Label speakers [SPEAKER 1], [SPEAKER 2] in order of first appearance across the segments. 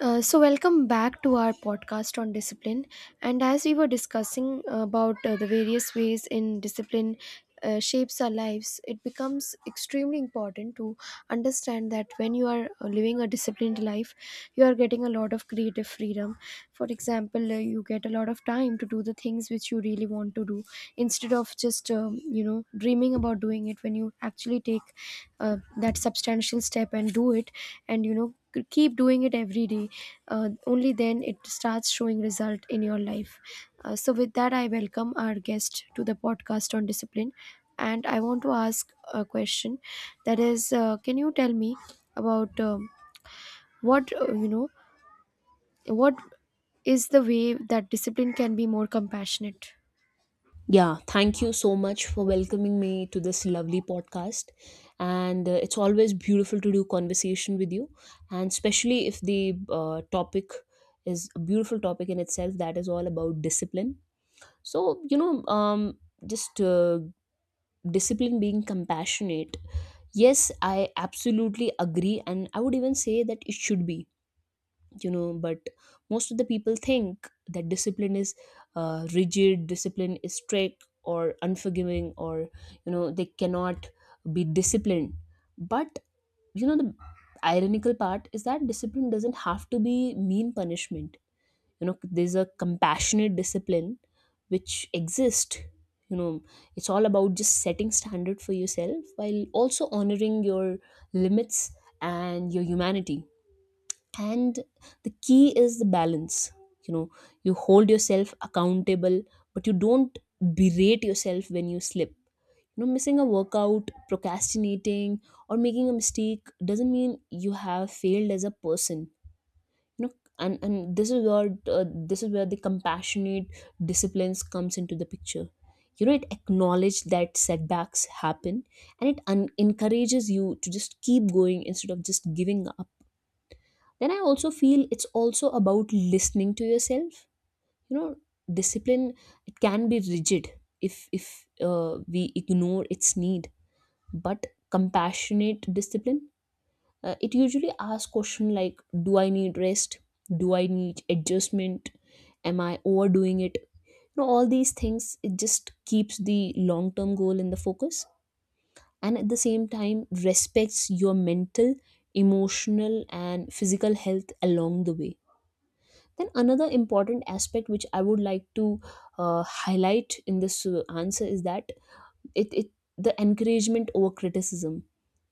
[SPEAKER 1] So welcome back to our podcast on discipline, and as we were discussing about the various ways in discipline shapes our lives, it becomes extremely important to understand that when you are living a disciplined life, you are getting a lot of creative freedom. For example, you get a lot of time to do the things which you really want to do, instead of just dreaming about doing it. When you actually take that substantial step and do it, and you know keep doing it every day, only then it starts showing result in your life. So with that, I welcome our guest to the podcast on discipline, and I want to ask a question, that is, can you tell me about what, what is the way that discipline can be more compassionate?
[SPEAKER 2] Yeah, thank you so much for welcoming me to this lovely podcast. And it's always beautiful to do conversation with you, and especially if the topic is a beautiful topic in itself that is all about discipline. So, just discipline being compassionate. Yes, I absolutely agree, and I would even say that it should be. But most of the people think that discipline is rigid. Discipline is strict or unforgiving, or they cannot be disciplined. But the ironical part is that discipline doesn't have to be mean punishment. There's a compassionate discipline which exists. you know it's all about just setting standard for yourself while also honoring your limits and your humanity. And the key is the balance. you know you hold yourself accountable, but you don't berate yourself when you slip. Missing a workout, procrastinating, or making a mistake doesn't mean you have failed as a person you know and this is where the compassionate disciplines comes into the picture. It acknowledges that setbacks happen, and it encourages you to just keep going instead of just giving up. Then I also feel it's also about listening to yourself. you know Discipline, it can be rigid if we ignore its need. But compassionate discipline, it usually asks question like, do I need rest? Do I need adjustment? Am I overdoing it? All these things, it just keeps the long term goal in the focus, and at the same time respects your mental, emotional, and physical health along the way. Then another important aspect which I would like to highlight in this answer is that it the encouragement over criticism.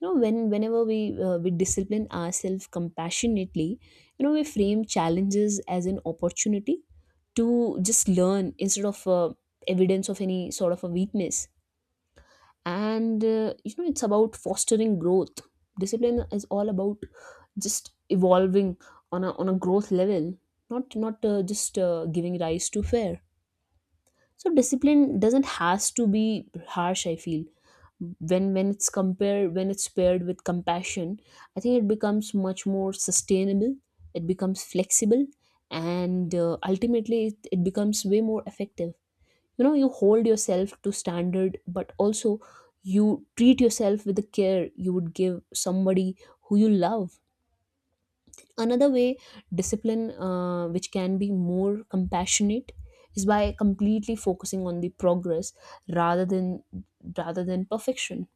[SPEAKER 2] You know, whenever we we discipline ourselves compassionately, you know, we frame challenges as an opportunity to just learn instead of evidence of any sort of a weakness. And it's about fostering growth. Discipline is all about just evolving on a growth level, not just giving rise to fear. So discipline doesn't has to be harsh, I feel, when it's paired with compassion. I think it becomes much more sustainable. It becomes flexible, and ultimately it becomes way more effective. You hold yourself to standard, but also you treat yourself with the care you would give somebody who you love. Another way discipline which can be more compassionate is by completely focusing on the progress rather than rather than perfection.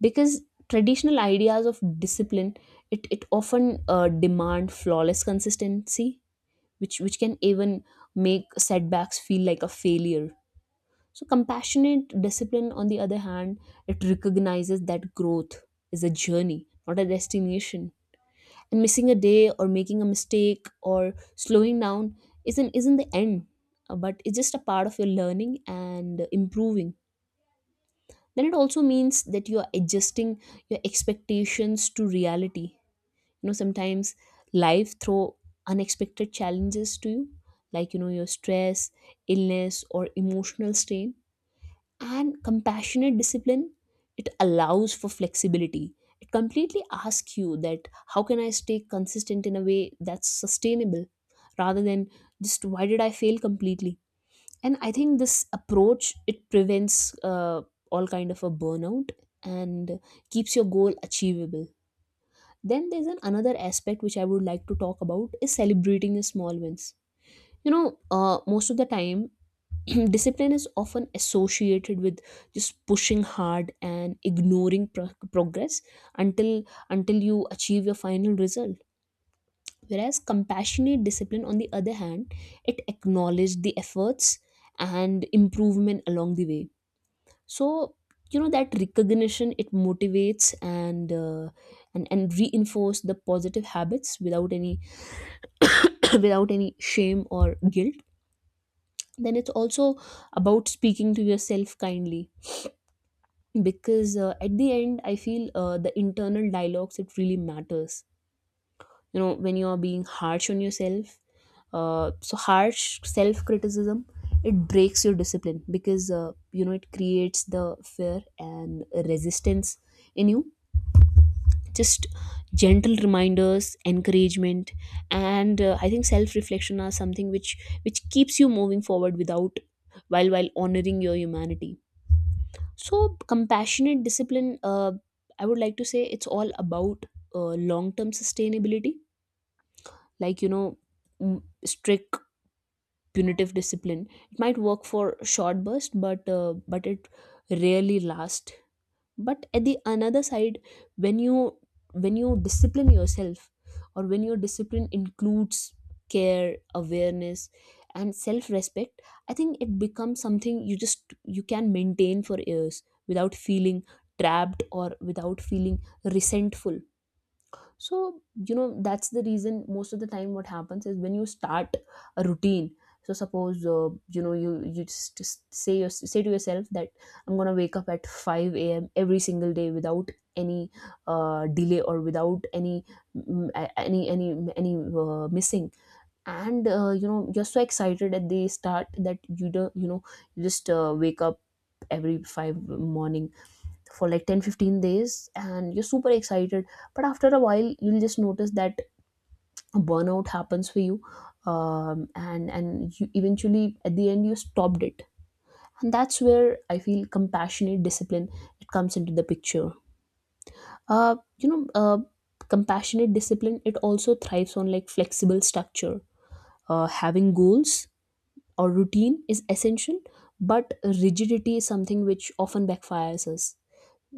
[SPEAKER 2] Because traditional ideas of discipline, it often demand flawless consistency, which can even make setbacks feel like a failure. So, compassionate discipline, on the other hand, it recognizes that growth is a journey, not a destination. And missing a day or making a mistake or slowing down isn't the end, but it's just a part of your learning and improving. Then it also means that you are adjusting your expectations to reality. You know, sometimes life throw unexpected challenges to you, like, your stress, illness, or emotional strain. And compassionate discipline, it allows for flexibility. It completely asks you that, how can I stay consistent in a way that's sustainable, rather than just, why did I fail completely? And I think this approach, it prevents all kind of a burnout and keeps your goal achievable. Then there's an another aspect which I would like to talk about, is celebrating your small wins. you know Most of the time, discipline is often associated with just pushing hard and ignoring progress until until you achieve your final result. Whereas compassionate discipline, on the other hand, it acknowledged the efforts and improvement along the way. So, that recognition, it motivates, and reinforce the positive habits without any without any shame or guilt. Then it's also about speaking to yourself kindly, because at the end I feel the internal dialogues, it really matters. When you are being harsh on yourself, so harsh self criticism, it breaks your discipline, because it creates the fear and resistance in you. Just gentle reminders, encouragement, and I think self reflection are something which keeps you moving forward without, while honoring your humanity. So, compassionate discipline, I would like to say it's all about long term sustainability. Like, strict punitive discipline. It might work for a short burst, but it rarely lasts. But at the another side, when you when you discipline yourself, or when your discipline includes care, awareness, and self respect, I think it becomes something you just, you can maintain for years without feeling trapped or without feeling resentful. So, that's the reason most of the time what happens is when you start a routine. So suppose you say to yourself that, I'm going to wake up at 5 a.m. every single day without any delay or without any any missing. And you're so excited at the start that you don't, you just wake up every five morning for like 10, 15 days, and you're super excited. But after a while, you'll just notice that a burnout happens for you. And you eventually at the end you stopped it. And that's where I feel compassionate discipline, it comes into the picture. uh, you know uh, Compassionate discipline, it also thrives on like flexible structure. Having goals or routine is essential, but rigidity is something which often backfires us.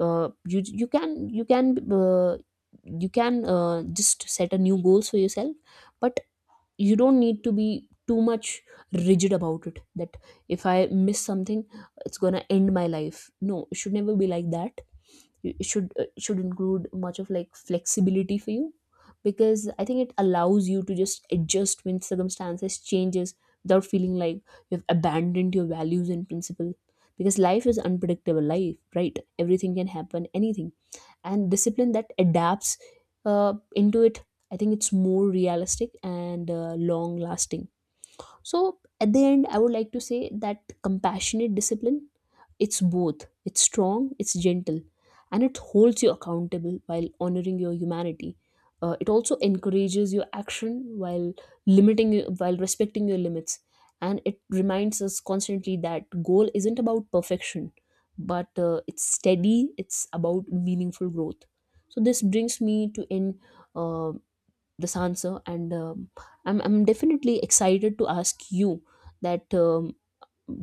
[SPEAKER 2] uh, you you can you can uh, you can just set a new goals for yourself. But you don't need to be too much rigid about it, that if I miss something, it's going to end my life. No, it should never be like that. It should include much of like flexibility for you, because I think it allows you to just adjust when circumstances changes without feeling like you've abandoned your values and principle. Because life is unpredictable. Life, right, everything can happen anything. And discipline that adapts into it, I think it's more realistic and long lasting. So, at the end, I would like to say that compassionate discipline, it's both. It's strong, it's gentle, and it holds you accountable while honoring your humanity. It also encourages your action while limiting you, while respecting your limits, and it reminds us constantly that goal isn't about perfection, but it's steady. It's about meaningful growth. So this brings me to end uh, this answer, and I'm definitely excited to ask you that.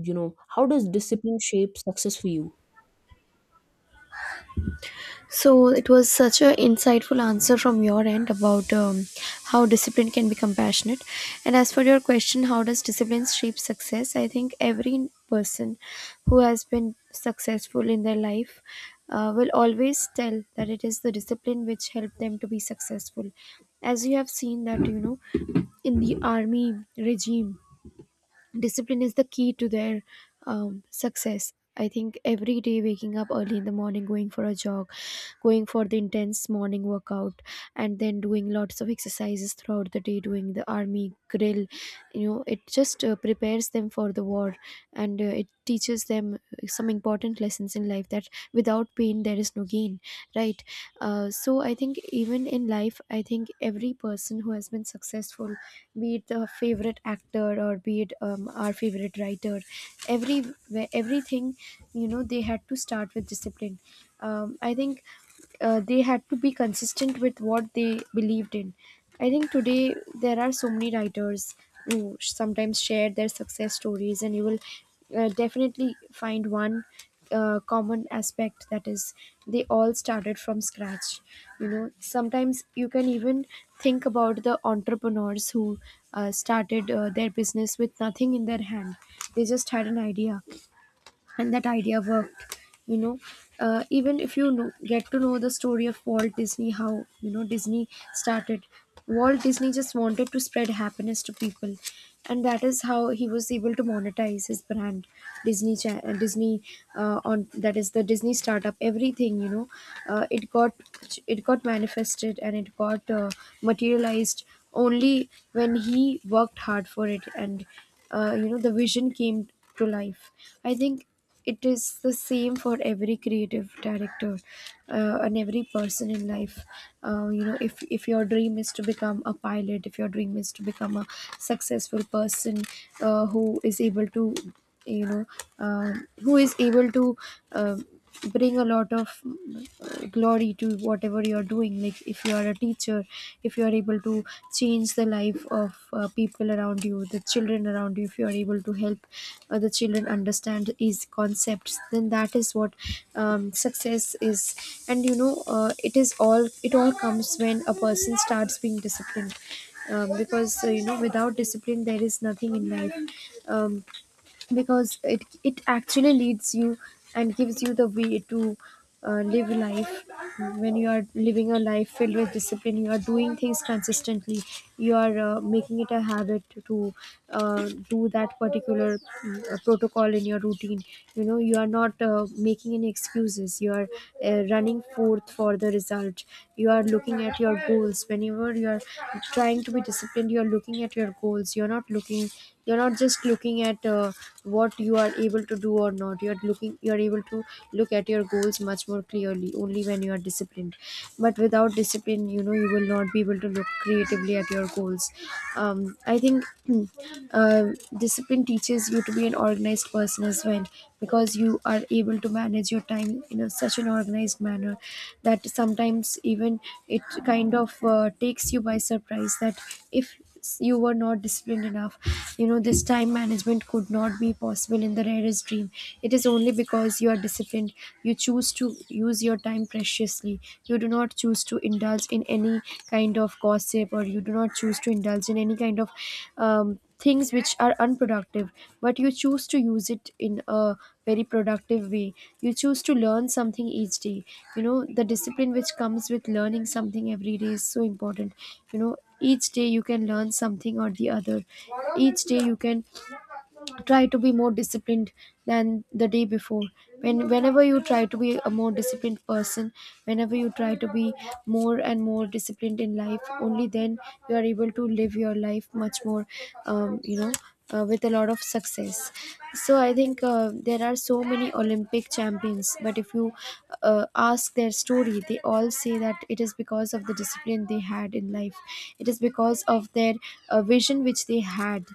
[SPEAKER 2] How does discipline shape success for you?
[SPEAKER 1] So it was such an insightful answer from your end about how discipline can be compassionate. And as for your question, how does discipline shape success? I think every person who has been successful in their life will always tell that it is the discipline which helped them to be successful. As you have seen that, you know, in the army regime, discipline is the key to their success. I think every day waking up early in the morning, going for a jog, going for the intense morning workout, and then doing lots of exercises throughout the day, doing the army grill, you know, it just prepares them for the war, and it teaches them some important lessons in life, that without pain there is no gain, right? So I think even in life, I think every person who has been successful, be it the favorite actor or be it our favorite writer, every everything, you know, they had to start with discipline. I think they had to be consistent with what they believed in. I think today there are so many writers who sometimes share their success stories, and you will definitely find one common aspect, that is, they all started from scratch. You know, sometimes you can even think about the entrepreneurs who started their business with nothing in their hand. They just had an idea, and that idea worked, you know. Even if, you know, get to know the story of Walt Disney, how, you know, Disney started. Walt Disney just wanted to spread happiness to people, and that is how he was able to monetize his brand. Disney Disney, on that is the Disney startup, everything, you know, it got, it got manifested, and it got materialized only when he worked hard for it, and you know, the vision came to life. I think it is the same for every creative director and every person in life. You know, if your dream is to become a pilot, if your dream is to become a successful person who is able to, you know, who is able to, um bring a lot of glory to whatever you're doing. Like, if you are a teacher, if you are able to change the life of people around you, the children around you, if you are able to help the children understand these concepts, then that is what success is. And you know, it is all, it all comes when a person starts being disciplined, because you know, without discipline there is nothing in life, um, because it actually leads you and gives you the way to live life. When you are living a life filled with discipline, you are doing things consistently, you are making it a habit to do that particular protocol in your routine. You know, you are not making any excuses, you are running forth for the result. You are looking at your goals whenever you are trying to be disciplined. You are looking at your goals, you're not looking, you're not just looking at what you are able to do or not. You are looking, you are able to look at your goals much more clearly only when you are disciplined. But without discipline, you know, you will not be able to look creatively at your goals. um, I think uh, discipline teaches you to be an organized person as well, because you are able to manage your time in a, such an organized manner, that sometimes even it kind of takes you by surprise, that if you were not disciplined enough, you know, this time management could not be possible in the rarest dream. It is only because you are disciplined, you choose to use your time preciously. You do not choose to indulge in any kind of gossip, or you do not choose to indulge in any kind of things which are unproductive, but you choose to use it in a very productive way. You choose to learn something each day. You know, the discipline which comes with learning something every day is so important. You know, each day you can learn something or the other. Each day you can try to be more disciplined than the day before. Whenever you try to be a more disciplined person, whenever you try to be more and more disciplined in life, only then you are able to live your life much more, you know, with a lot of success. So I think there are so many Olympic champions, but if you ask their story, they all say that it is because of the discipline they had in life. It is because of their vision which they had.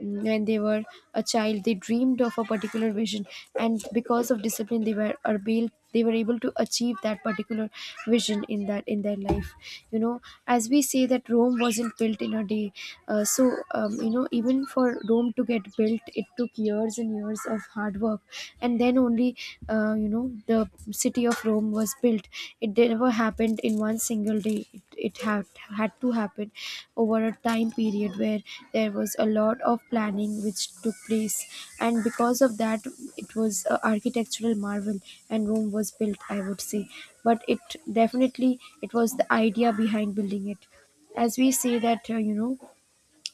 [SPEAKER 1] Mm, when they were a child, they dreamed of a particular vision, and because of discipline, they were able to achieve that particular vision in that in their life, you know. As we say that Rome wasn't built in a day, you know, even for Rome to get built, it took years and years of hard work, and then only you know, the city of Rome was built. It never happened in one single day. It had to happen over a time period where there was a lot of planning which took place. And because of that, it was an architectural marvel, and Rome was built, I would say. But it definitely, it was the idea behind building it. As we say that, you know,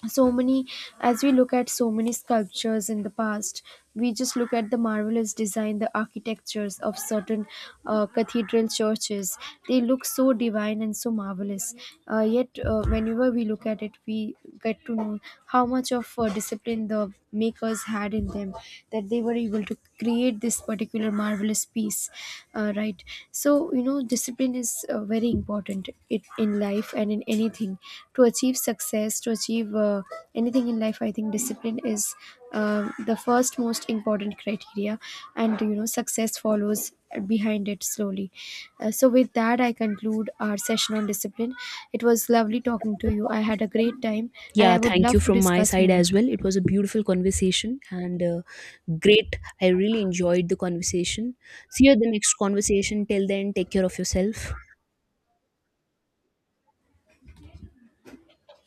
[SPEAKER 1] so many, as we look at so many sculptures in the past, we just look at the marvelous design, the architectures of certain cathedral churches. They look so divine and so marvelous, yet whenever we look at it, we get to know how much of discipline the makers had in them, that they were able to create this particular marvelous piece. Right, right. So you know, discipline is very important, it, in life and in anything. To achieve success, to achieve anything in life, I think discipline is the first most important criteria, and you know, success follows behind it slowly. So with that, I conclude our session on discipline. It was lovely talking to you, I had a great time, and
[SPEAKER 2] Yeah,
[SPEAKER 1] I would
[SPEAKER 2] thank you
[SPEAKER 1] love to
[SPEAKER 2] from my
[SPEAKER 1] discuss
[SPEAKER 2] side
[SPEAKER 1] more.
[SPEAKER 2] as well. It was a beautiful conversation, and great, I really enjoyed the conversation. See you at the next conversation. Till then, take care of yourself.